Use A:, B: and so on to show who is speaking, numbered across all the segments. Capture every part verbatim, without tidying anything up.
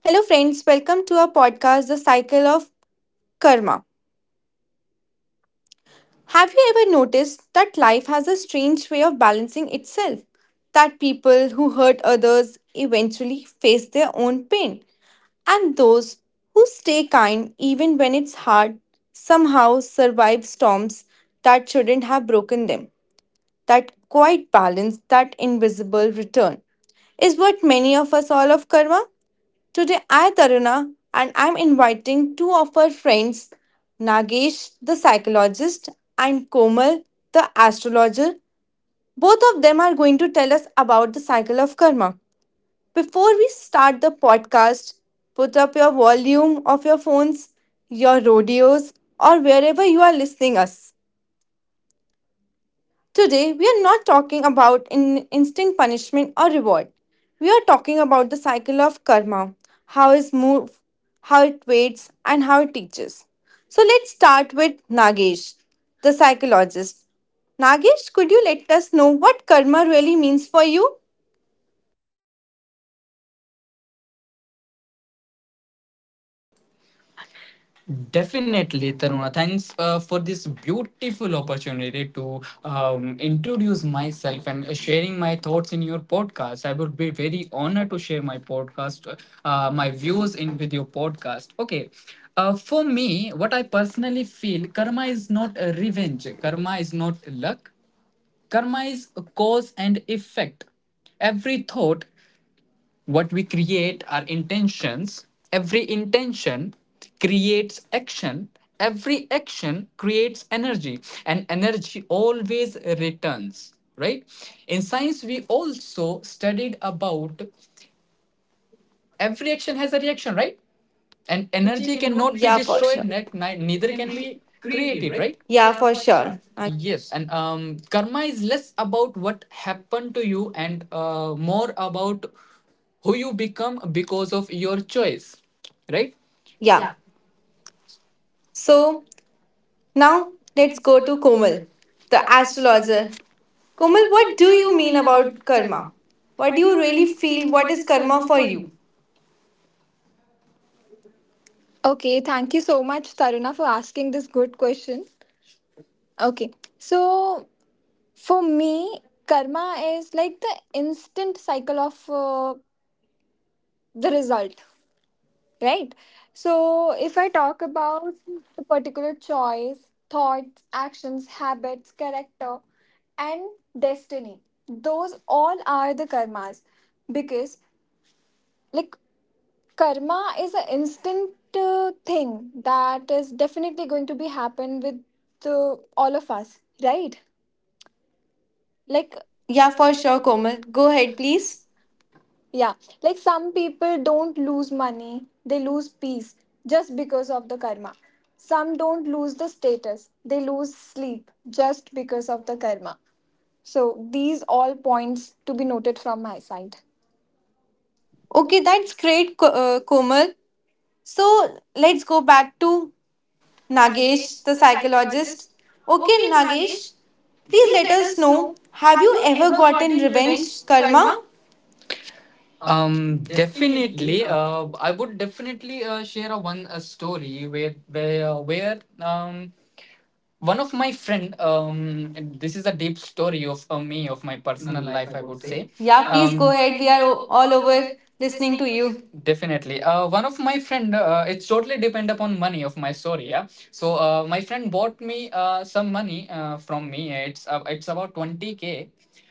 A: Hello, friends, welcome to our podcast, The Cycle of Karma. Have you ever noticed that life has a strange way of balancing itself? That people who hurt others eventually face their own pain, and those who stay kind even when it's hard somehow survive storms that shouldn't have broken them. That quiet balance, that invisible return, is what many of us all of karma. Today I Taruna and I'm inviting two of our friends, Nagesh the psychologist and Komal the astrologer. Both of them are going to tell us about the cycle of karma. Before we start the podcast, put up your volume of your phones, your radios, or wherever you are listening us. Today, we are not talking about in instant punishment or reward. We are talking about the cycle of karma, how it moves, how it waits, and how it teaches. So let's start with Nagesh, the psychologist. Nagesh, could you let us know what karma really means for you?
B: Definitely, Taruna. Thanks uh, for this beautiful opportunity to um, introduce myself and uh, sharing my thoughts in your podcast. I would be very honored to share my podcast, uh, my views in with your podcast. Okay. Uh, for me, what I personally feel, karma is not a revenge. Karma is not luck. Karma is a cause and effect. Every thought, what we create are intentions. Every intention creates action. Every action creates energy, and energy always returns, right? In science, we also studied about every action has a reaction, right? And
A: Energy
B: energy
A: cannot be.
B: cannot be, yeah,
A: Yeah, for
B: destroyed,
A: destroyed, sure.
B: ne- ni-
A: Neither
B: neither
A: can
B: can
A: be.
B: be created, right?
A: Yeah,
B: Yeah,
A: for
B: for sure.
A: sure.
B: Yes, and um, karma is less about what happened to you and uh, more about who you become because of your choice, right?
A: Yeah.
B: Yeah.
A: So
B: So
A: now
B: now
A: let's
B: let's
A: go
B: go
A: to
B: to
A: Komal,
B: Komal,
A: the
B: the
A: astrologer.
B: astrologer.
A: Komal,
B: Komal,
A: what
B: what
A: do
B: do
A: you
B: you
A: mean
B: mean about
A: about karma?
B: karma?
A: What do
B: What do
A: you
B: you
A: really
B: really
A: feel?
B: feel?
A: What
B: What
A: is
B: is
A: karma
B: karma
A: for
B: for
A: you?
B: you? Okay, thank you so much, Taruna, for asking this good question. Okay, so for me, karma is like the instant cycle of uh, the result, right? So if I talk about the particular choice, thoughts, actions, habits, character, and destiny, those all are the karmas because, like, karma is an instant uh, thing that is definitely going to be happen with uh, all of us, right? Like,
A: Yeah,
B: yeah,
A: for
B: for
A: sure,
B: sure,
A: Komal.
B: Komal,
A: Go
B: go
A: ahead,
B: ahead,
A: please.
B: please. Yeah, like, some people don't lose money, they lose peace just because of the karma. Some don't lose the status, they lose sleep just because of the karma. So these all points to be noted from my side.
A: Okay, that's great, Ko- uh, Komal. So let's go back to Nagesh,
B: Nagesh,
A: the
B: the
A: psychologist.
B: psychologist.
A: Okay,
B: Okay,
A: Nagesh,
B: Nagesh,
A: please
B: please
A: let
B: let
A: us
B: us
A: know,
B: know,
A: have
B: have
A: you
B: you
A: ever
B: ever
A: gotten
B: gotten
A: revenge
B: revenge
A: karma?
B: karma? Um, definitely. Uh, I would definitely uh, share a one a story where where uh, where um one of my friend, um and this is a deep story of uh, me of my personal life, I would say.
A: Yeah.
B: Yeah,
A: Uh, please
B: please,
A: go
B: Um, go
A: ahead.
B: ahead,
A: We
B: we
A: are
B: are
A: o- all
B: all
A: over
B: over
A: listening to
B: listening to
A: you.
B: you. Definitely, uh one of my friend, uh, it's totally depend upon money of my story. Yeah, so uh, my friend bought me uh, some money uh, from me. It's uh, it's about twenty k.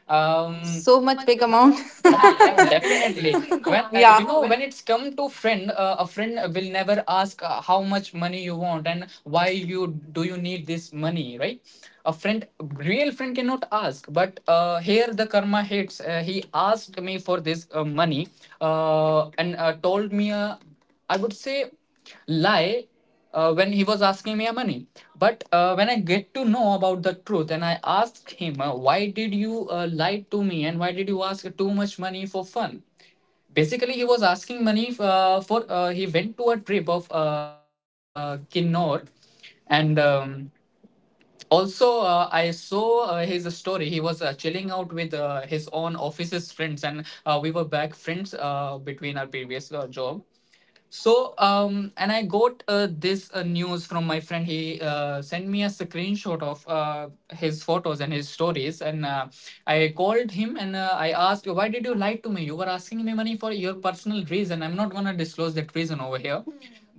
B: um,
A: So
B: So
A: much
B: much
A: big
B: big
A: amount.
B: amount. Yeah, yeah, it's a- definitely. It's a big When amount, uh, you
A: Yeah.
B: yeah. know when it's come to friend, uh, a friend will never ask uh, how much money you want and why you do you need this money, right? A friend, real friend cannot ask. But uh, here the karma hits. Uh, he asked me for this uh, money, uh, and uh, told me, uh, I would say, lie uh, when he was asking me a money. But uh, when I get to know about the truth and I asked him, uh, why did you uh, lie to me and why did you ask too much money for fun? Basically, he was asking money uh, for, uh, he went to a trip of uh, Kinnor, and um, also uh, I saw uh, his story. He was uh, chilling out with uh, his own office's friends, and uh, we were back friends uh, between our previous uh, job. So, um, and I got uh, this uh, news from my friend. He uh, sent me a screenshot of uh, his photos and his stories. And uh, I called him and uh, I asked, why did you lie to me? You were asking me money for your personal reason. I'm not going to disclose that reason over here.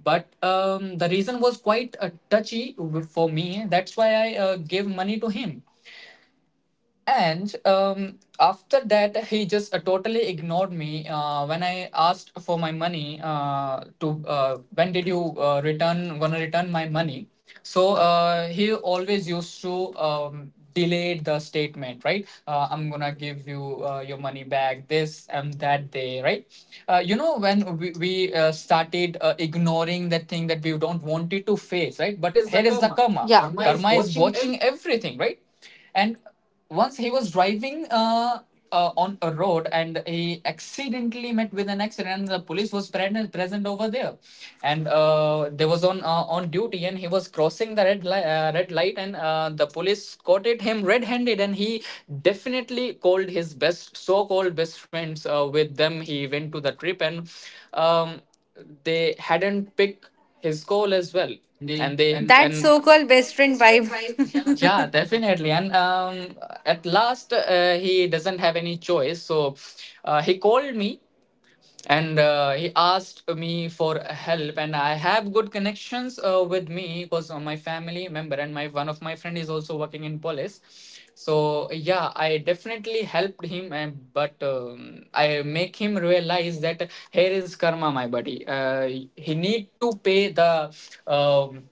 B: But um, the reason was quite uh, touchy for me. That's why I uh, gave money to him. And um, after that, he just uh, totally ignored me. Uh, when I asked for my money, uh, to uh, when did you uh, return? Gonna return my money? So uh, he always used to um, delay the statement, right? Uh, I'm gonna give you uh, your money back this and that day, right? Uh, you know, when we, we uh, started uh, ignoring that thing that we don't want it to face, right? But here is the karma.
A: Yeah.
B: Yeah. Karma is watching everything, right? And once he was driving uh, uh, on a road, and he accidentally met with an accident, and the police was present, present over there, and uh, they was on uh, on duty, and he was crossing the red, light. Uh, red light, and uh, the police caught it him red-handed. And he definitely called his best, so-called best friends, uh, with them he went to the trip, and um, they hadn't picked his call as well, and they
A: That
B: and
A: so called best friend
B: best friend
A: vibe.
B: vibe. Yeah, definitely. And um, at last, uh, he doesn't have any choice. So uh, he called me and uh, he asked me for help. And I have good connections uh, with me because uh, my family member and my one of my friend is also working in police. So yeah, I definitely helped him. And but um, I make him realize that here is karma, my buddy. Uh, he need to pay the. Um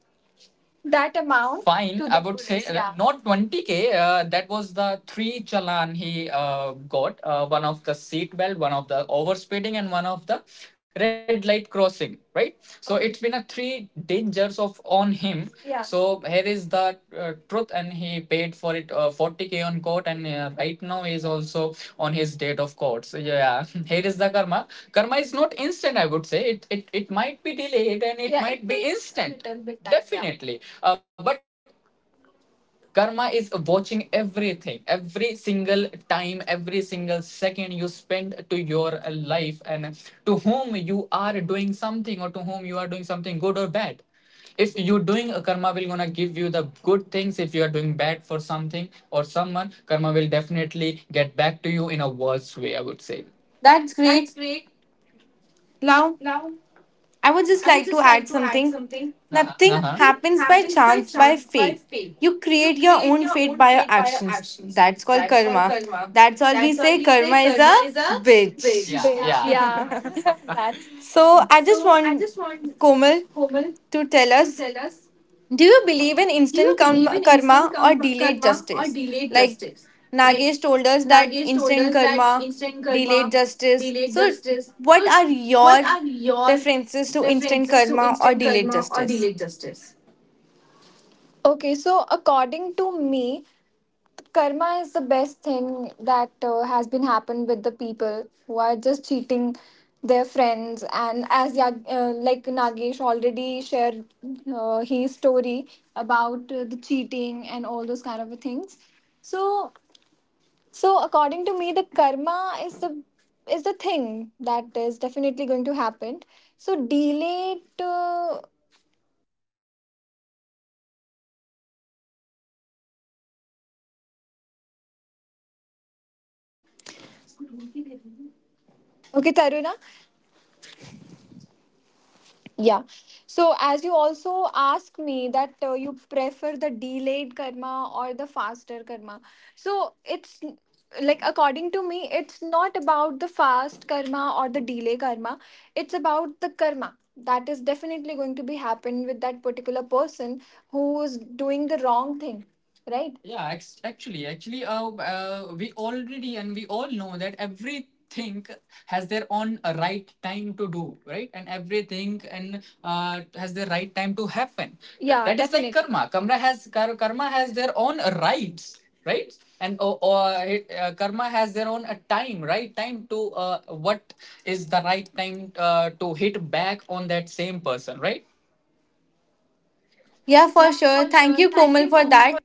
B: that amount fine, I would say, uh, yeah, not twenty k. Uh, that was the three challan he uh, got, uh, one of the seat belt, one of the overspeeding, and one of the red light crossing, right? So okay, it's been a three dangers of on him. Yeah. So here is the uh, truth, and he paid for it uh, forty k on court, and uh, right now he is also on his date of court. So yeah, here is the karma. Karma is not instant. I would say it it, it might be delayed and it Yeah, might it be instant. Bit time, yeah. Definitely, uh, but karma is watching everything, every single time, every single second you spend to your life and to whom you are doing something, or to whom you are doing something good or bad. If you're doing, a karma will gonna give you the good things. If you are doing bad for something or someone, karma will definitely get back to you in a worse way, I would say.
A: That's
B: That's
A: great.
B: great.
A: Now,
B: Now
A: I
B: I
A: would
B: would just
A: just
B: like
A: like to
B: to add
A: add
B: something.
A: something.
B: Uh-huh. Nothing
A: Nothing happens
B: happens
A: by
B: by
A: chance,
B: chance,
A: by
B: by fate.
A: fate.
B: You
A: You create
B: create your
A: your
B: own
A: own
B: fate
A: fate
B: by
A: by
B: your
A: your
B: actions.
A: actions.
B: That's
A: That's
B: called
A: called
B: karma.
A: karma.
B: That's
A: That's
B: all
A: all
B: we
A: we
B: say.
A: say.
B: Karma
A: Karma is
B: is a
A: a
B: bitch. Bitch,
A: bitch.
B: yeah. Yeah. That's
A: So,
B: so.
A: I
B: I
A: just
B: just want
A: want
B: Komal
A: Komal to
B: to
A: tell
B: tell us,
A: us,
B: do
A: do
B: you
A: you
B: believe
A: believe
B: in
A: in
B: instant
A: instant karm-
B: karma
A: karma or
B: or
A: delayed
B: delayed
A: justice?
B: justice?
A: Like
B: Like
A: Nagesh
B: Nagesh
A: told
B: told
A: us
B: us
A: that
B: that
A: instant
B: instant
A: karma,
B: karma,
A: delayed
B: delayed
A: justice.
B: justice.
A: So,
B: So,
A: what are
B: what are
A: your
B: your
A: references to
B: references
A: instant
B: to instant
A: karma or
B: karma
A: delayed
B: or delayed
A: justice?
B: justice? Okay, so according to me, karma is the best thing that uh, has been happened with the people who are just cheating their friends. And as Yag- uh, like Nagesh already shared uh, his story about uh, the cheating and all those kind of things. So, so according to me, the karma is the is the thing that is definitely going to happen. So delay it, uh, okay, Taruna. Yeah. So as you also ask me that uh, you prefer the delayed karma or the faster karma. So it's n- like according to me, it's not about the fast karma or the delay karma. It's about the karma that is definitely going to be happen with that particular person who is doing the wrong thing, right? Yeah, ex- actually, actually, uh, uh, we already and we all know that everything has their own uh, right time to do, right? And everything and uh, has the right time to happen. Yeah, that is like, definitely. Karma. Karma has kar- karma has their own rights, right? And uh, uh, it- uh, karma has their own uh, time, right? Time to uh, what is the right time uh, to hit back on that same person, right?
A: Yeah, for
B: Yeah, for
A: sure.
B: sure.
A: Thank you,
B: Thank you,
A: Komal, for
B: Komal.
A: that.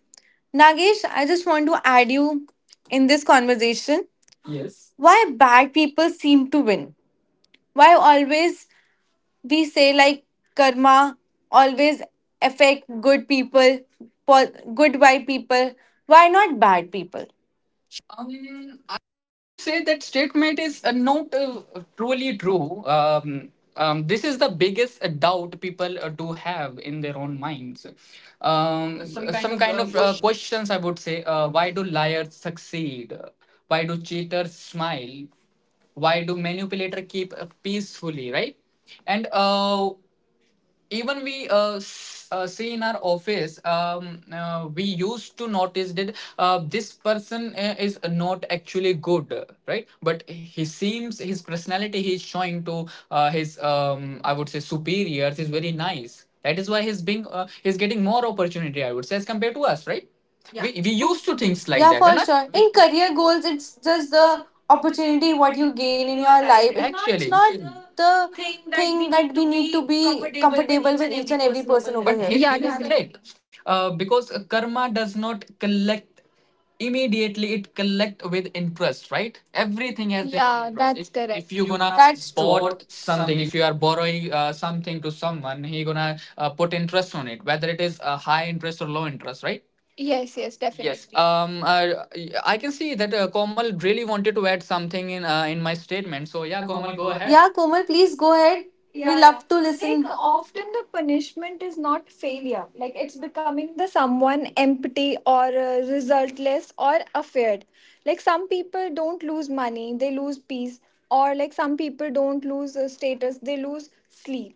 A: Nagesh, I just want to add you in this conversation. Why bad people seem to win? Why always we say like karma always affect good people, po- good vibe people, why not bad people,
B: I would say that statement is uh, not uh, truly true. Um, um, this is the biggest doubt people uh, do have in their own minds. Um, some kind of uh, questions I would say. Uh, why do liars succeed? Why do cheaters smile? Why do manipulators keep uh, peacefully, right? And uh, even we uh, s- uh, see in our office, um, uh, we used to notice that uh, this person uh, is not actually good, uh, right? But he seems his personality he's showing to uh, his, um, I would say, superiors is very nice. That is why he's being uh, he's getting more opportunity, I would say, as compared to us, right? Yeah. we, we used
A: those
B: to
A: two
B: things
A: things, like,
B: like Yeah,
A: yeah,
B: that for.
A: for
B: and for I-
A: sure,
B: sure.
A: in
B: In career
A: career goals.
B: goals, it's
A: It's just
B: just the
A: the
B: opportunity
A: opportunity what
B: what you
A: you gain
B: gain in
A: in your
B: your
A: life.
B: life. It's not
A: It's not.
B: actually
A: Exactly.
B: not
A: The
B: think
A: thing
B: that
A: that
B: we
A: we
B: need
A: need
B: to
A: to be
B: be comfortable
A: comfortable
B: with
A: with
B: each
A: each
B: and
A: and
B: every
A: every
B: person
A: person
B: over
A: over
B: here. But
A: here.
B: here Yeah, is, definitely, uh, because karma does not collect immediately; it collect with interest, right? Everything has their own, yeah, different interest. That's If correct. If
A: If
B: you
A: you
B: gonna
A: gonna, that's true,
B: bought
A: support
B: something,
A: something.
B: if you are borrowing uh, something to someone, he gonna uh, put interest on it, whether it is a high interest or low interest, right? Yes, yes, yes, definitely. Um. Uh, I can see that uh, Komal really wanted to add something in uh, in my statement. So
A: So
B: yeah,
A: yeah,
B: Komal,
A: Komal, go
B: go
A: ahead.
B: ahead.
A: Yeah, Komal, please go ahead. We, yeah,
B: Yeah, yeah.
A: love to listen.
B: Like often the punishment is not failure. Like it's becoming the someone empty or uh, resultless or afraid. Like some people don't lose money, they lose peace. Or like some people don't lose uh, status, they lose sleep.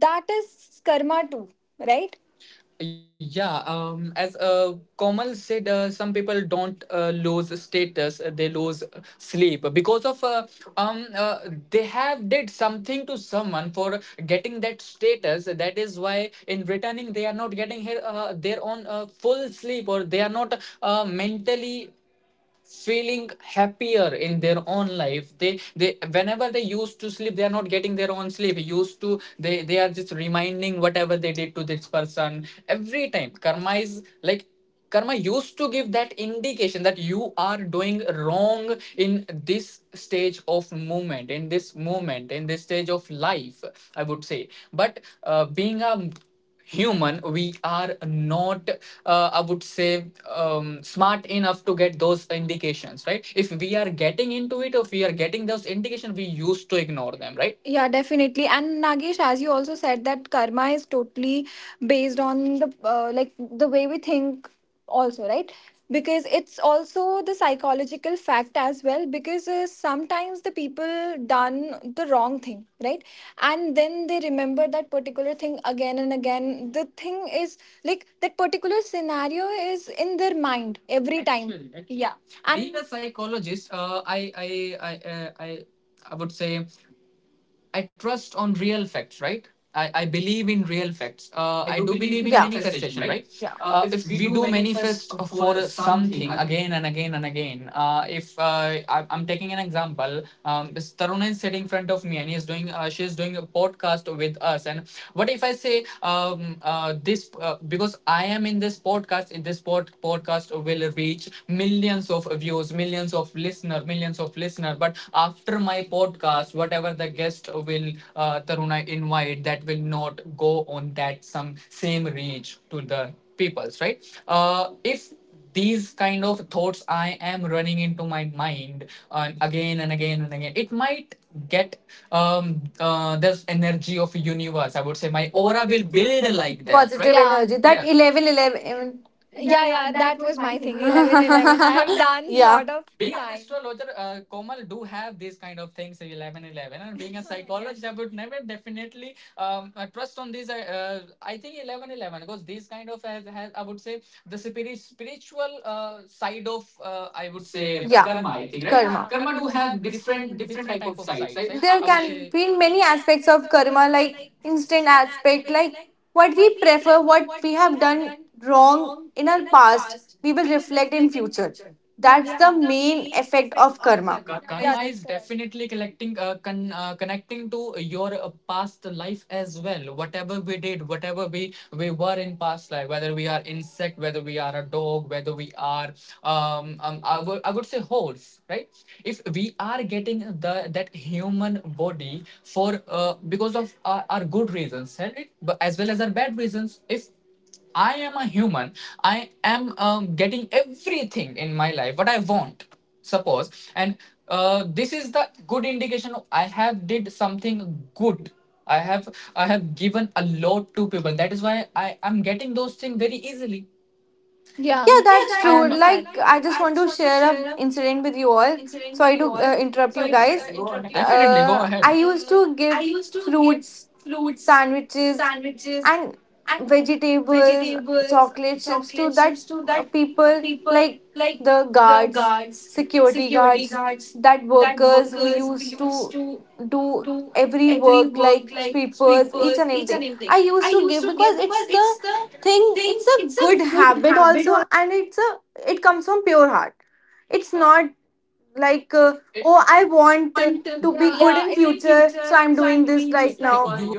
B: That is karma too, right? Yeah, um, as uh, Komal said, uh, some people don't uh, lose status; uh, they lose sleep because of uh, um uh, they have did something to someone for getting that status. That is why in returning they are not getting her, uh, their own uh, full sleep, or they are not uh, mentally feeling happier in their own life. They they whenever they used to sleep, they are not getting their own sleep used to. They they are just reminding whatever they did to this person every time. Karma is like karma used to give that indication that you are doing wrong in this stage of movement, in this moment, in this stage of life, I would say. But uh, being a human, we are not uh, I would say um, smart enough to get those indications, right? If we are getting into it, if we are getting those indications, we used to ignore them, right? Yeah, definitely. And Nagesh, as you also said, that karma is totally based on the uh, like the way we think also, right? Because it's also the psychological fact as well, because uh, sometimes the people done the wrong thing, right? And then they remember that particular thing again and again. The thing is like that particular scenario is in their mind every time. Actually, actually, yeah. And being a psychologist, uh, i i i uh, i i would say I trust on real facts, right? I, I believe in real facts.
A: Uh,
B: Uh,
A: I
B: I
A: do
B: do
A: believe in,
B: believe
A: yeah,
B: in
A: manifestation,
B: manifestation,
A: right?
B: right?
A: Yeah.
B: Uh, if we do manifest for something again and again and again, uh, if uh, I, I'm taking an example, um, this Taruna is sitting in front of me and he's doing, uh, she's doing a podcast with us. And what if I say um, uh, this uh, because I am in this podcast, in this pod- podcast will reach millions of views, millions of listener, millions of listener. But after my podcast, whatever the guest will uh, Taruna invite, that will not go on that some same reach to the peoples, right? Uh, if these kind of thoughts I am running into my mind uh, again and again and again, it might get um uh, this energy of universe. I would say my aura will build like that, right?
A: Positive
B: Yeah.
A: energy.
B: That,
A: That
B: yeah, eleven, eleven,
A: eleven
B: eleven.
A: eleven. Yeah,
B: Yeah,
A: yeah,
B: yeah,
A: that
B: that
A: was
B: was
A: my
B: my
A: thing.
B: thing. Eleven, eleven. I have done a
A: Yeah.
B: lot of being an time, astrologer, uh, Komal do have these kind of things, eleven, eleven. And being a psychologist, I would never definitely um, uh, trust on these. Uh, uh, I think eleven, eleven, because these kind of has, has I would say the spiri- spiritual uh, side of uh, I would say uh,
A: Yeah.
B: yeah, karma. I think, right. Yeah.
A: Karma.
B: Karma do have different different type of sides, right,
A: There
B: I would
A: can
B: say.
A: be
B: Being
A: many
B: many
A: aspects
B: aspects
A: of
B: of
A: karma,
B: karma,
A: like
B: like
A: instant
B: instant
A: aspect,
B: aspect,
A: like
B: like
A: what we
B: what we
A: prefer,
B: prefer,
A: what
B: what
A: we
B: we
A: have
B: have
A: done
B: done
A: wrong
B: wrong
A: in our
B: in our
A: past
B: past,
A: we will
B: we will
A: reflect in
B: reflect in
A: future.
B: future.
A: That's
B: That's,
A: the
B: yeah, the
A: main
B: main
A: effect
B: effect
A: of
B: of
A: karma.
B: karma. Karma, yeah, is correct. Definitely collecting uh, con- uh, connecting to your uh, past life as well. Whatever we did, whatever we we were in past life, whether we are insect, whether we are a dog, whether we are um, um I would I would say horse, right? If we are getting the that human body for uh, because of our, our good reasons, right? But as well as our bad reasons, if I am a human, I am um, getting everything in my life what I want, suppose. And uh, this is the good indication of I have did something good. I have i have given a lot to people, that is why I am getting those things very easily. Yeah.
A: Yeah,
B: Yeah,
A: that's
B: that I uh,
A: true.
B: understand,
A: Like,
B: like, yeah.
A: I just
B: I
A: want
B: just
A: to
B: want to
A: share a
B: share an
A: incident with
B: incident
A: you
B: with you
A: all.
B: all.
A: Sorry to
B: Sorry to
A: uh,
B: uh,
A: interrupt you
B: interrupt you guys.
A: guys.
B: Definitely, guys, go ahead.
A: Uh,
B: Uh,
A: I
B: I
A: used
B: used
A: to
B: to
A: give
B: give
A: fruits,
B: fruits,
A: sandwiches,
B: sandwiches,
A: and
B: and
A: vegetables,
B: vegetables,
A: chocolate
B: chocolate
A: chips to
B: chips to
A: that
B: that
A: uh, people
B: people
A: like
B: like
A: the
B: the
A: guards,
B: guards,
A: security
B: security
A: guards,
B: guards,
A: that
B: that
A: workers who
B: workers who
A: used
B: used
A: to
B: to
A: do
B: do
A: every
B: every
A: work
B: work
A: like
B: like
A: sweepers, each
B: sweepers,
A: and
B: each and
A: everything.
B: everything.
A: I
B: I
A: used to
B: used
A: give
B: to give
A: because
B: because
A: it's the
B: it's the
A: thing,
B: thing.
A: it's a
B: It's
A: good
B: a good
A: habit
B: habit
A: also,
B: or
A: and it's a it comes from pure heart. It's not like,
B: like
A: uh, oh, I want uh,
B: want, uh,
A: to good
B: yeah,
A: in
B: in
A: future, so
B: future.
A: I'm
B: So I'm
A: doing this.
B: doing this like so you.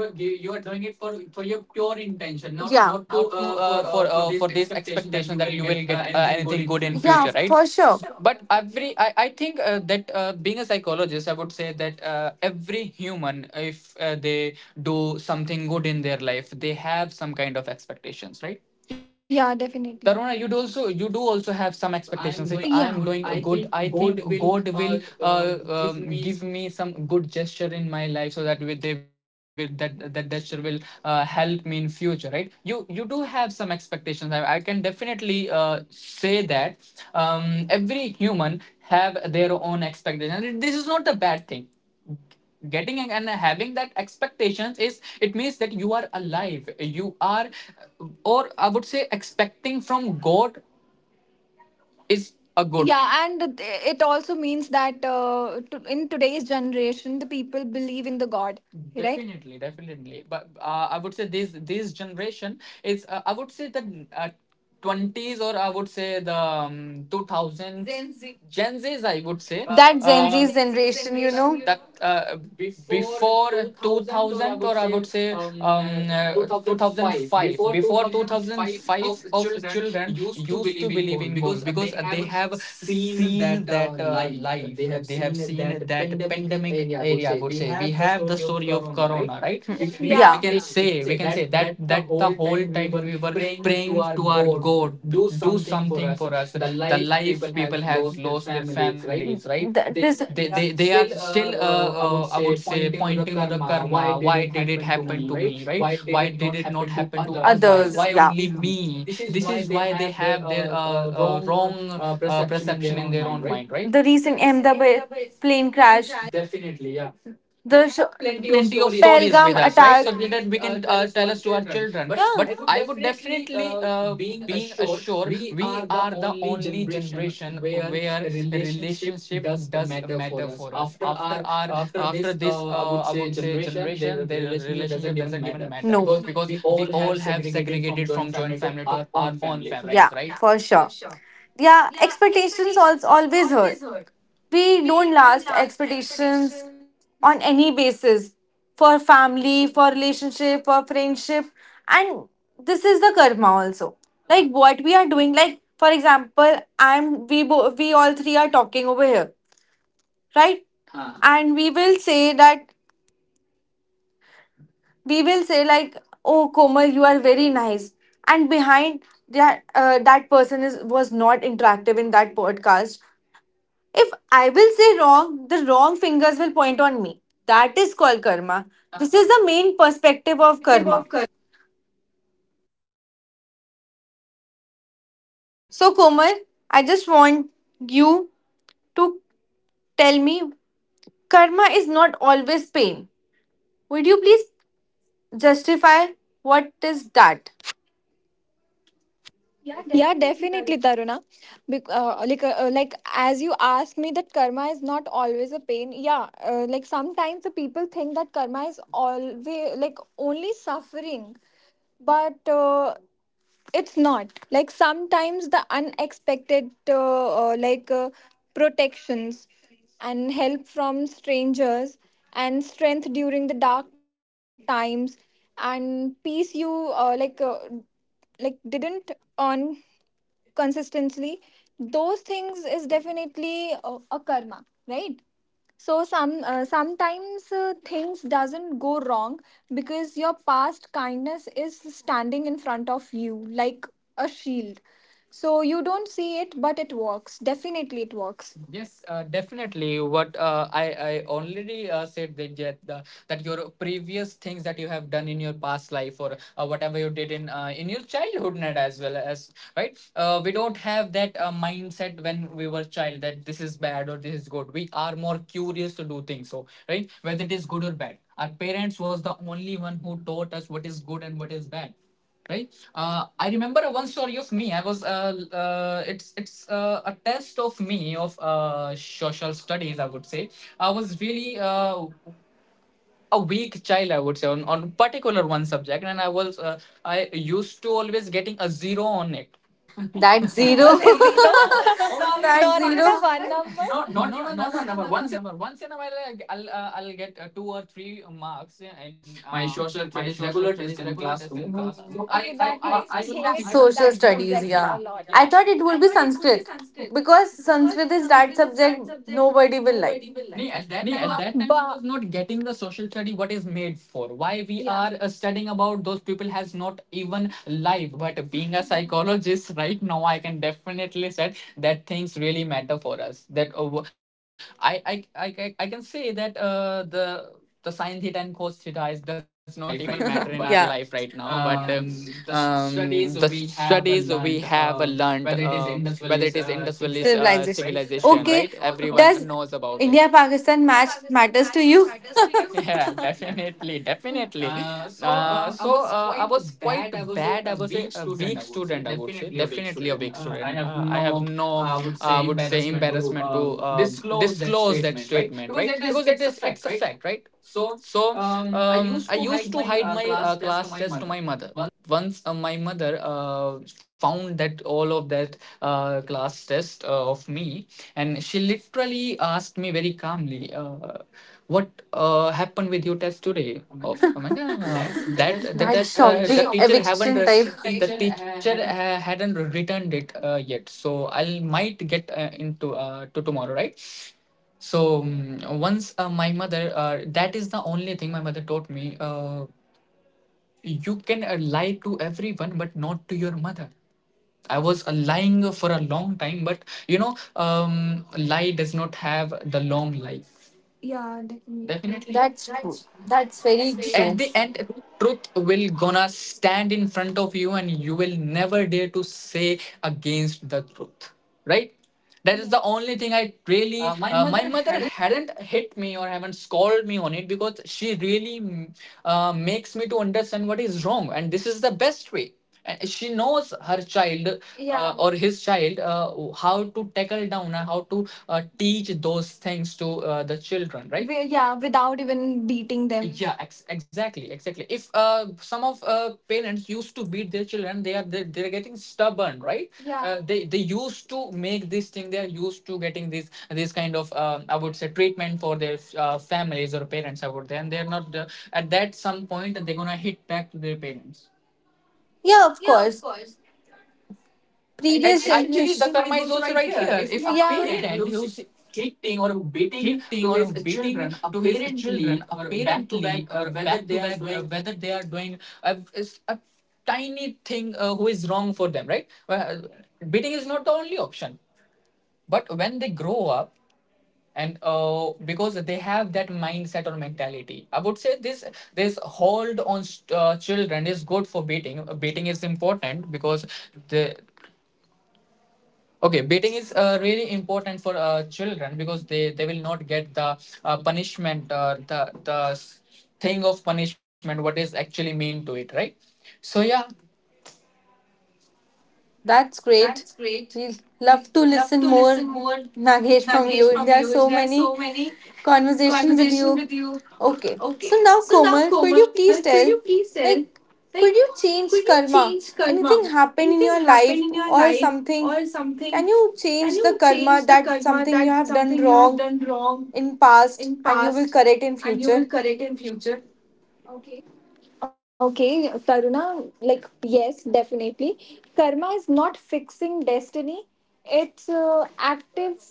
B: Not, yeah, not to uh, for uh, for this expectation that you will get uh, anything good in future, right?
A: For
B: For
A: sure
B: sure. But every I, I think uh, that uh, being a psychologist, I would say that uh, every human, if uh, they do something good in their life, they have some kind of expectations, right? Yeah, definitely, Taruna, you do also you do also have some expectations. If I'm doing a good, I think God will uh, um, give me some good gesture in my life, so that with they will that that gesture will uh, help me in future, right? You you do have some expectations. I, I can definitely uh, say that um, every human have their own expectations. This is not a bad thing, getting and having that expectations is, it means that you are alive, you are, or I would say expecting from god is a good. Yeah, and it also means that uh, to, in today's generation, the people believe in the God, right? Definitely, definitely. But uh, I would say this this generation is uh, I would say the uh, twenties, or I would say the um, two thousands, gen Z, gen Z's, I would say,
A: that Gen Z
B: uh, that gen Z's
A: generation, you know.
B: generation, you that? Know? uh, Before two thousand, or I would say um, uh, two thousand five, before two thousand five of children used to believe in god, because they have seen that uh, life, they have seen that pandemic area, I would say. We have the story of corona, right? Yeah, We can- we, yeah,
A: Hmm.
B: can, yeah, say, we can say that that the whole time we were praying to our god, do something for us. The life, people has lost their families, right?
A: Th- this,
B: they they, they are still uh, uh, I would say pointing to the karma, why did it happen to me, right? Why did it not happen to others? Why only me? This is why they have their uh, uh, wrong uh, perception in their own mind, right?
A: the
B: The
A: recent
B: reason end
A: Ahmedabad
B: up is
A: plane
B: playing,
A: crash, the sh-
B: have plenty of stories with us, right? So that we can
A: Pelgam,
B: uh, tell us to our children. But I would definitely uh, being assured, we are the only generation where relationship does matter for us. After our after this uh, I would say generation, the relationship doesn't even matter. No, because we all have segregated from joint family to our own families,
A: yeah,
B: right? Yeah,
A: for
B: for
A: sure.
B: sure.
A: Yeah,
B: Yeah,
A: expectations
B: expectations
A: also
B: als-
A: always
B: always
A: hurt.
B: hurt,
A: We
B: we
A: don't
B: don't
A: last
B: last
A: expectations
B: expectations.
A: on any basis, for family, for relationship, for friendship, and this is the karma also. Like what we are doing, like for example, I'm we bo- we all three are talking over here, right? Huh. And we will say that we will say like, oh Komal, you are very nice, and behind that uh, that person is was not interactive in that podcast. If I will say wrong, the wrong fingers will point on me. That is called karma. This is the main perspective of karma. So, Komal, I just want you to tell me, karma is not always pain. Would you please justify what is that?
B: Yeah, definitely, Taruna. Bec- uh, like, uh, like as you asked me, that karma is not always a pain. Yeah, uh, like sometimes the people think that karma is always like only suffering, but uh, it's not. Like sometimes the unexpected, uh, uh, like uh, protections and help from strangers and strength during the dark times and peace you uh, like uh, like didn't earn consistently, those things is definitely a, a karma, right? So some uh, sometimes uh, things doesn't go wrong because your past kindness is standing in front of you like a shield, so you don't see it, but it works. Definitely, it works. Yes, uh, definitely. What uh, I I already uh, said that that, the, that your previous things that you have done in your past life, or uh, whatever you did in uh, in your childhood, Nada, as well as right. uh, we don't have that uh, mindset when we were child, that this is bad or this is good. We are more curious to do things, so, right? Whether it is good or bad, our parents was the only one who taught us what is good and what is bad, right? uh, I remember one story of me. I was uh, uh, it's it's uh, a test of me of uh, social studies, I would say. I was really uh, a weak child, I would say, on on particular one subject, and i was uh, I used to always getting a zero on it.
A: That zero.
B: Was a zero, always.
A: That
B: Not even a
A: zero.
B: one number. No, not even a one number. Once in a while, I- will uh, I'll get uh, two or three marks in uh, my social studies regular test in classroom.
A: So I
B: Okay, that I- means I-
A: I.
B: he I- I
A: Social
B: that
A: studies,
B: subject a
A: yeah.
B: lot. Yeah,
A: I thought it
B: I
A: would be
B: thought it would be
A: Sanskrit
B: Sanskrit
A: because
B: because
A: Sanskrit is that
B: Sanskrit is
A: subject
B: that subject
A: nobody will like.
B: nobody will like. Nee, at that time I But was But not getting the social study what is made for. Why we, yeah, are uh, studying about those people has not even life. But being a psychologist right now, I can definitely said that things really matter for us. That uh, wh- I, I I I can say that uh, the the sine theta and cos theta is, does not even matter in
A: Life
B: our
A: right now,
B: life
A: but
B: right
A: yeah.
B: now. But, yeah, uh, um, the studies we have uh, learned, uh,
A: Whether it is
B: whether it
A: Indus
B: is
A: Valley
B: Indus Valley
A: uh, civilization,
B: uh,
A: civilization, right?
B: civilization,
A: Everyone,
B: right?
A: okay, knows
B: Everyone
A: about.
B: knows
A: Does
B: about it.
A: India
B: India
A: Pakistan match
B: Pakistan match
A: matters to
B: matters
A: you?
B: to you? Yeah, definitely, definitely. Uh, so uh, I was quite bad. I was a, a weak student, I would say, definitely a weak student. uh, I have no uh, I would say embarrassment to um, disclose that statement, right, because it is it's a fact, right? so um, I used to hide my uh, class test to my mother. Once uh, my mother uh, found that, all of that uh, class test uh, of me, and she literally asked me very calmly, uh, "What uh, happened with your test today?" Of oh my god,
A: That,
B: uh,
A: That-
B: that
A: that's like that
B: the
A: the teacher,
B: test, uh,
A: shocking
B: the teacher
A: eviction
B: haven't
A: type.
B: res-
A: The teacher
B: the
A: uh,
B: teacher
A: had a-
B: uh, hadn't returned it uh, yet, so I might get uh, into uh, to tomorrow, right? So, mm, once uh, my mother, uh, that is the only thing my mother taught me. Uh, you can uh, lie to everyone, but not to your mother. I was uh, lying for a long time, but, you know, um, lie does not have the long life. Yeah, definitely. Definitely, yeah. Right. At the end, truth will gonna stand in front of you, and you will never dare to say against the truth. Right? That is the only thing I really. Uh, my mother hadn't hit me or haven't scolded me on it, because she really mm, uh, makes me to understand what is wrong, and this is the best way, and she knows her child, yeah, uh, yeah, or his child, uh, how to tackle down and how to uh, teach those things to uh, the children, right? Wi- yeah, without even beating them, yeah. Ex- exactly exactly If uh, some of uh, parents used to beat their children, they are they, they're getting stubborn, right? Yeah, uh, they they used to make this thing. They are used to getting this this kind of uh, I would say treatment for their uh, families or parents, I would say, and they're not uh, at that some point, they're gonna hit back to their parents.
A: yeah, of
B: Yeah, of
A: course.
B: course. The
A: Previous
B: At, addition- actually,
A: generation
B: the
A: is
B: karma
A: also
B: is
A: right
B: also right
A: here. If
B: here.
A: not,
B: If, yeah, a parent who's hitting or beating to his children, apparently or back to back, uh, whether they are doing a, is a tiny thing, uh, who is wrong for them, right? Well, beating is not the only option. But when they grow up, and uh, because they have that mindset or mentality, I would say, this this hold on st- uh, children is good for beating. Uh, beating is important because the, okay, beating is uh, really important for uh, children because they, they will not get the uh, punishment, uh, the the s- thing of punishment, what is actually mean to it, right? So yeah,
A: that's great.
B: that's great.
A: We
B: We
A: love to listen
B: love to
A: more,
B: listen more,
A: Nagesh, from you.
B: Nagesh,
A: There are
B: from
A: so
B: you. There are
A: many
B: so many
A: conversation with you.
B: conversation with you.
A: Okay. So now,
B: Okay.
A: Komal,
B: So
A: could
B: now,
A: you please
B: Komal, could
A: tell,
B: you please
A: like,
B: tell,
A: could you
B: like,
A: change
B: could you
A: karma?
B: change
A: Anything
B: karma?
A: happened in your
B: Anything
A: life
B: happened in
A: or
B: your life
A: something?
B: or
A: Can you
B: something?
A: change the
B: Can you
A: karma that
B: change the
A: something you have
B: karma
A: done
B: that
A: wrong
B: something you have done
A: in
B: wrong
A: past and you will
B: in
A: correct in
B: past,
A: future?
B: and you will correct in future? Okay, Taruna, like, yes, definitely. Karma is not fixing destiny, it's uh, active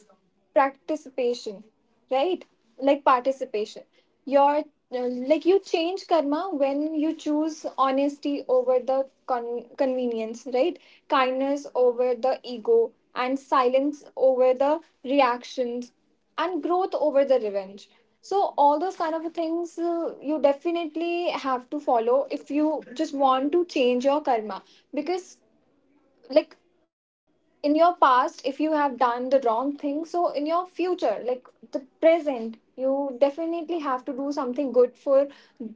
B: participation, right? Like, participation. Your uh, like, you change karma when you choose honesty over the con- convenience, right? Kindness over the ego, and silence over the reactions, and growth over the revenge. So all those kind of things uh, you definitely have to follow if you just want to change your karma. Because, like, in your past, if you have done the wrong thing, so in your future, like the present, you definitely have to do something good for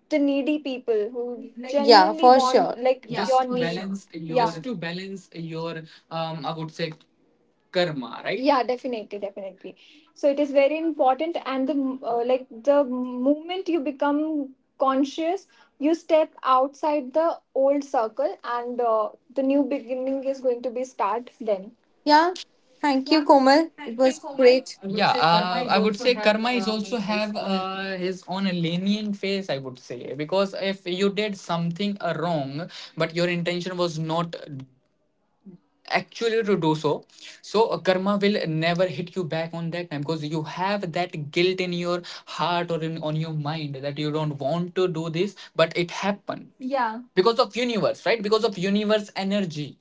B: the needy people who
A: Yeah,
B: genuinely
A: for
B: want,
A: sure.
B: like, yeah, your for need sure, yeah, just to balance your, um I would say, karma, right? Yeah, definitely, definitely. So it is very important, and the uh, like, the moment you become conscious, you step outside the old circle, and uh, the new beginning is going to be start then.
A: Yeah. Thank
B: Yeah,
A: you, Komal. It
B: thank
A: was
B: you, Komal.
A: great.
B: Yeah, uh, I would say karma is also have uh, his own lenient phase, I would say, because if you did something uh, wrong but your intention was not actually to do so, so uh, karma will never hit you back on that time, because you have that guilt in your heart or in on your mind that you don't want to do this, but it happened, yeah, because of universe, right? Because of universe energy.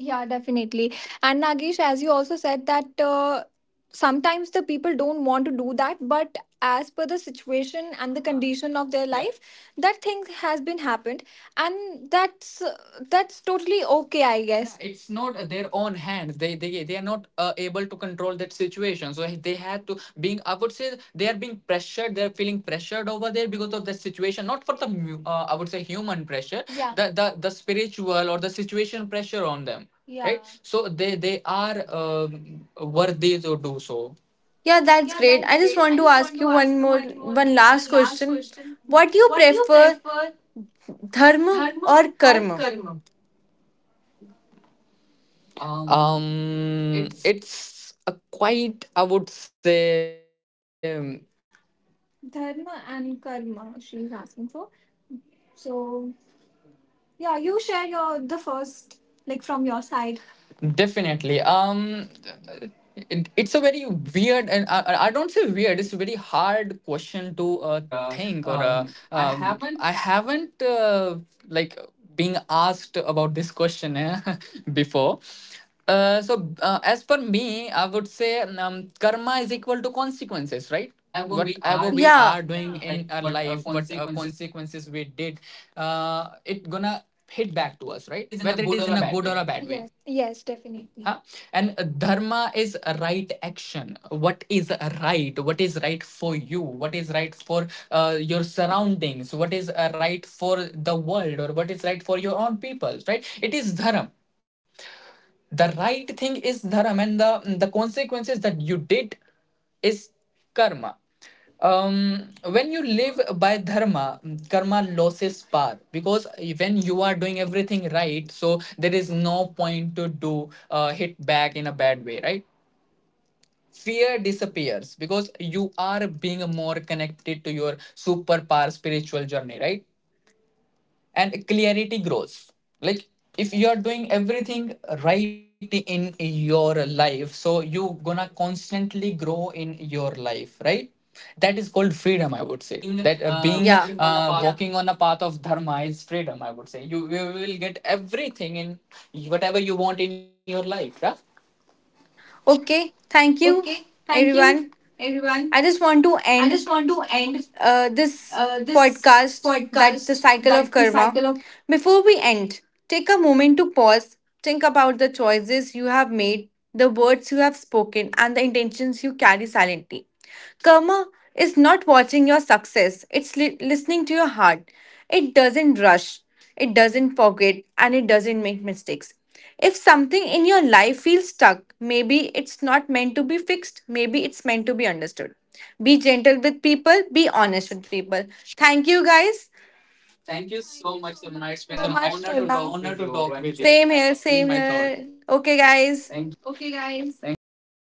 B: Yeah, definitely. And Nagesh, as you also said that uh, sometimes the people don't want to do that, but as per the situation and the condition of their life, that thing has been happened, and that's that's totally okay, I guess. Yeah, it's not their own hands. They they they are not uh, able to control that situation, so they had to being, I would say, they are being pressured. They're feeling pressured over there because of the situation, not for the, uh, I would say, human pressure, yeah, the, the the spiritual or the situation pressure on them, yeah, right? So they they are um, worthy to do so.
A: Yeah, that's
B: Yeah,
A: great.
B: that's
A: I just
B: great.
A: want
B: I
A: to
B: just want
A: ask
B: to
A: you
B: ask
A: one
B: you
A: more,
B: one more,
A: one last
B: one last
A: question.
B: question.
A: What do you
B: What do you
A: prefer,
B: prefer,
A: dharma
B: dharma
A: or
B: or
A: karma?
B: karma? um it's a quite, I would say, dharma and karma, she's asking for. So yeah, you share your, the first, like, from your side. Definitely. Um, it, it's a very weird, and I, I I don't say weird. It's a very hard question to uh, think, or uh, um, I haven't uh, like, being asked about this question eh, before. Uh, so uh, as per me, I would say um, karma is equal to consequences, right?
A: Whatever we
B: Whatever
A: are,
B: we
A: yeah,
B: are
A: in
B: doing
A: life,
B: in our
A: but uh,
B: life, what uh,
A: consequences
B: consequences we did, uh, it gonna hit back to us, right? Whether it is in a good or a bad way. Yes, definitely. Huh? And uh, dharma is a right action. What is right? What is right for you? What is right for uh, your surroundings? What is uh, right for the world? Or what is right for your own people? Right? It is dharma. The right thing is dharam, and the the consequences that you did is karma. um when you live by dharma, karma loses power, because when you are doing everything right, so there is no point to do uh, hit back in a bad way, right? Fear disappears because you are being more connected to your superpower spiritual journey, right? And clarity grows, like, if you are doing everything right in your life, so you gonna constantly grow in your life, right? That is called freedom, I would say, that uh,
A: being
B: being uh,
A: uh, yeah, walking on
B: yeah,
A: a path.
B: walking on a path of dharma is freedom, I would say. You, you will get everything in whatever you want in your life. Yeah?
A: Okay,
B: Okay,
A: thank you,
B: thank you,
A: everyone.
B: everyone.
A: I just want
B: I
A: to
B: just want
A: end
B: to end
A: uh,
B: uh,
A: this
B: this
A: podcast, that
B: podcast,
A: the
B: that
A: cycle
B: the
A: of
B: cycle of.
A: karma. Before we end, take a moment to pause, think about the choices you have made, the words you have spoken, and the intentions you carry silently. Karma is not watching your success, it's li- listening to your heart. It doesn't rush, it doesn't forget, and it doesn't make mistakes. If something in your life feels stuck, maybe it's not meant to be fixed, maybe it's meant to be understood. Be gentle with people, be honest with people. Thank you, guys.
B: Thank so you much, so much, it an honor to talk with you,
A: Same here,
B: sharing my
A: same
B: thoughts.
A: here. Okay, guys.
B: Thank you.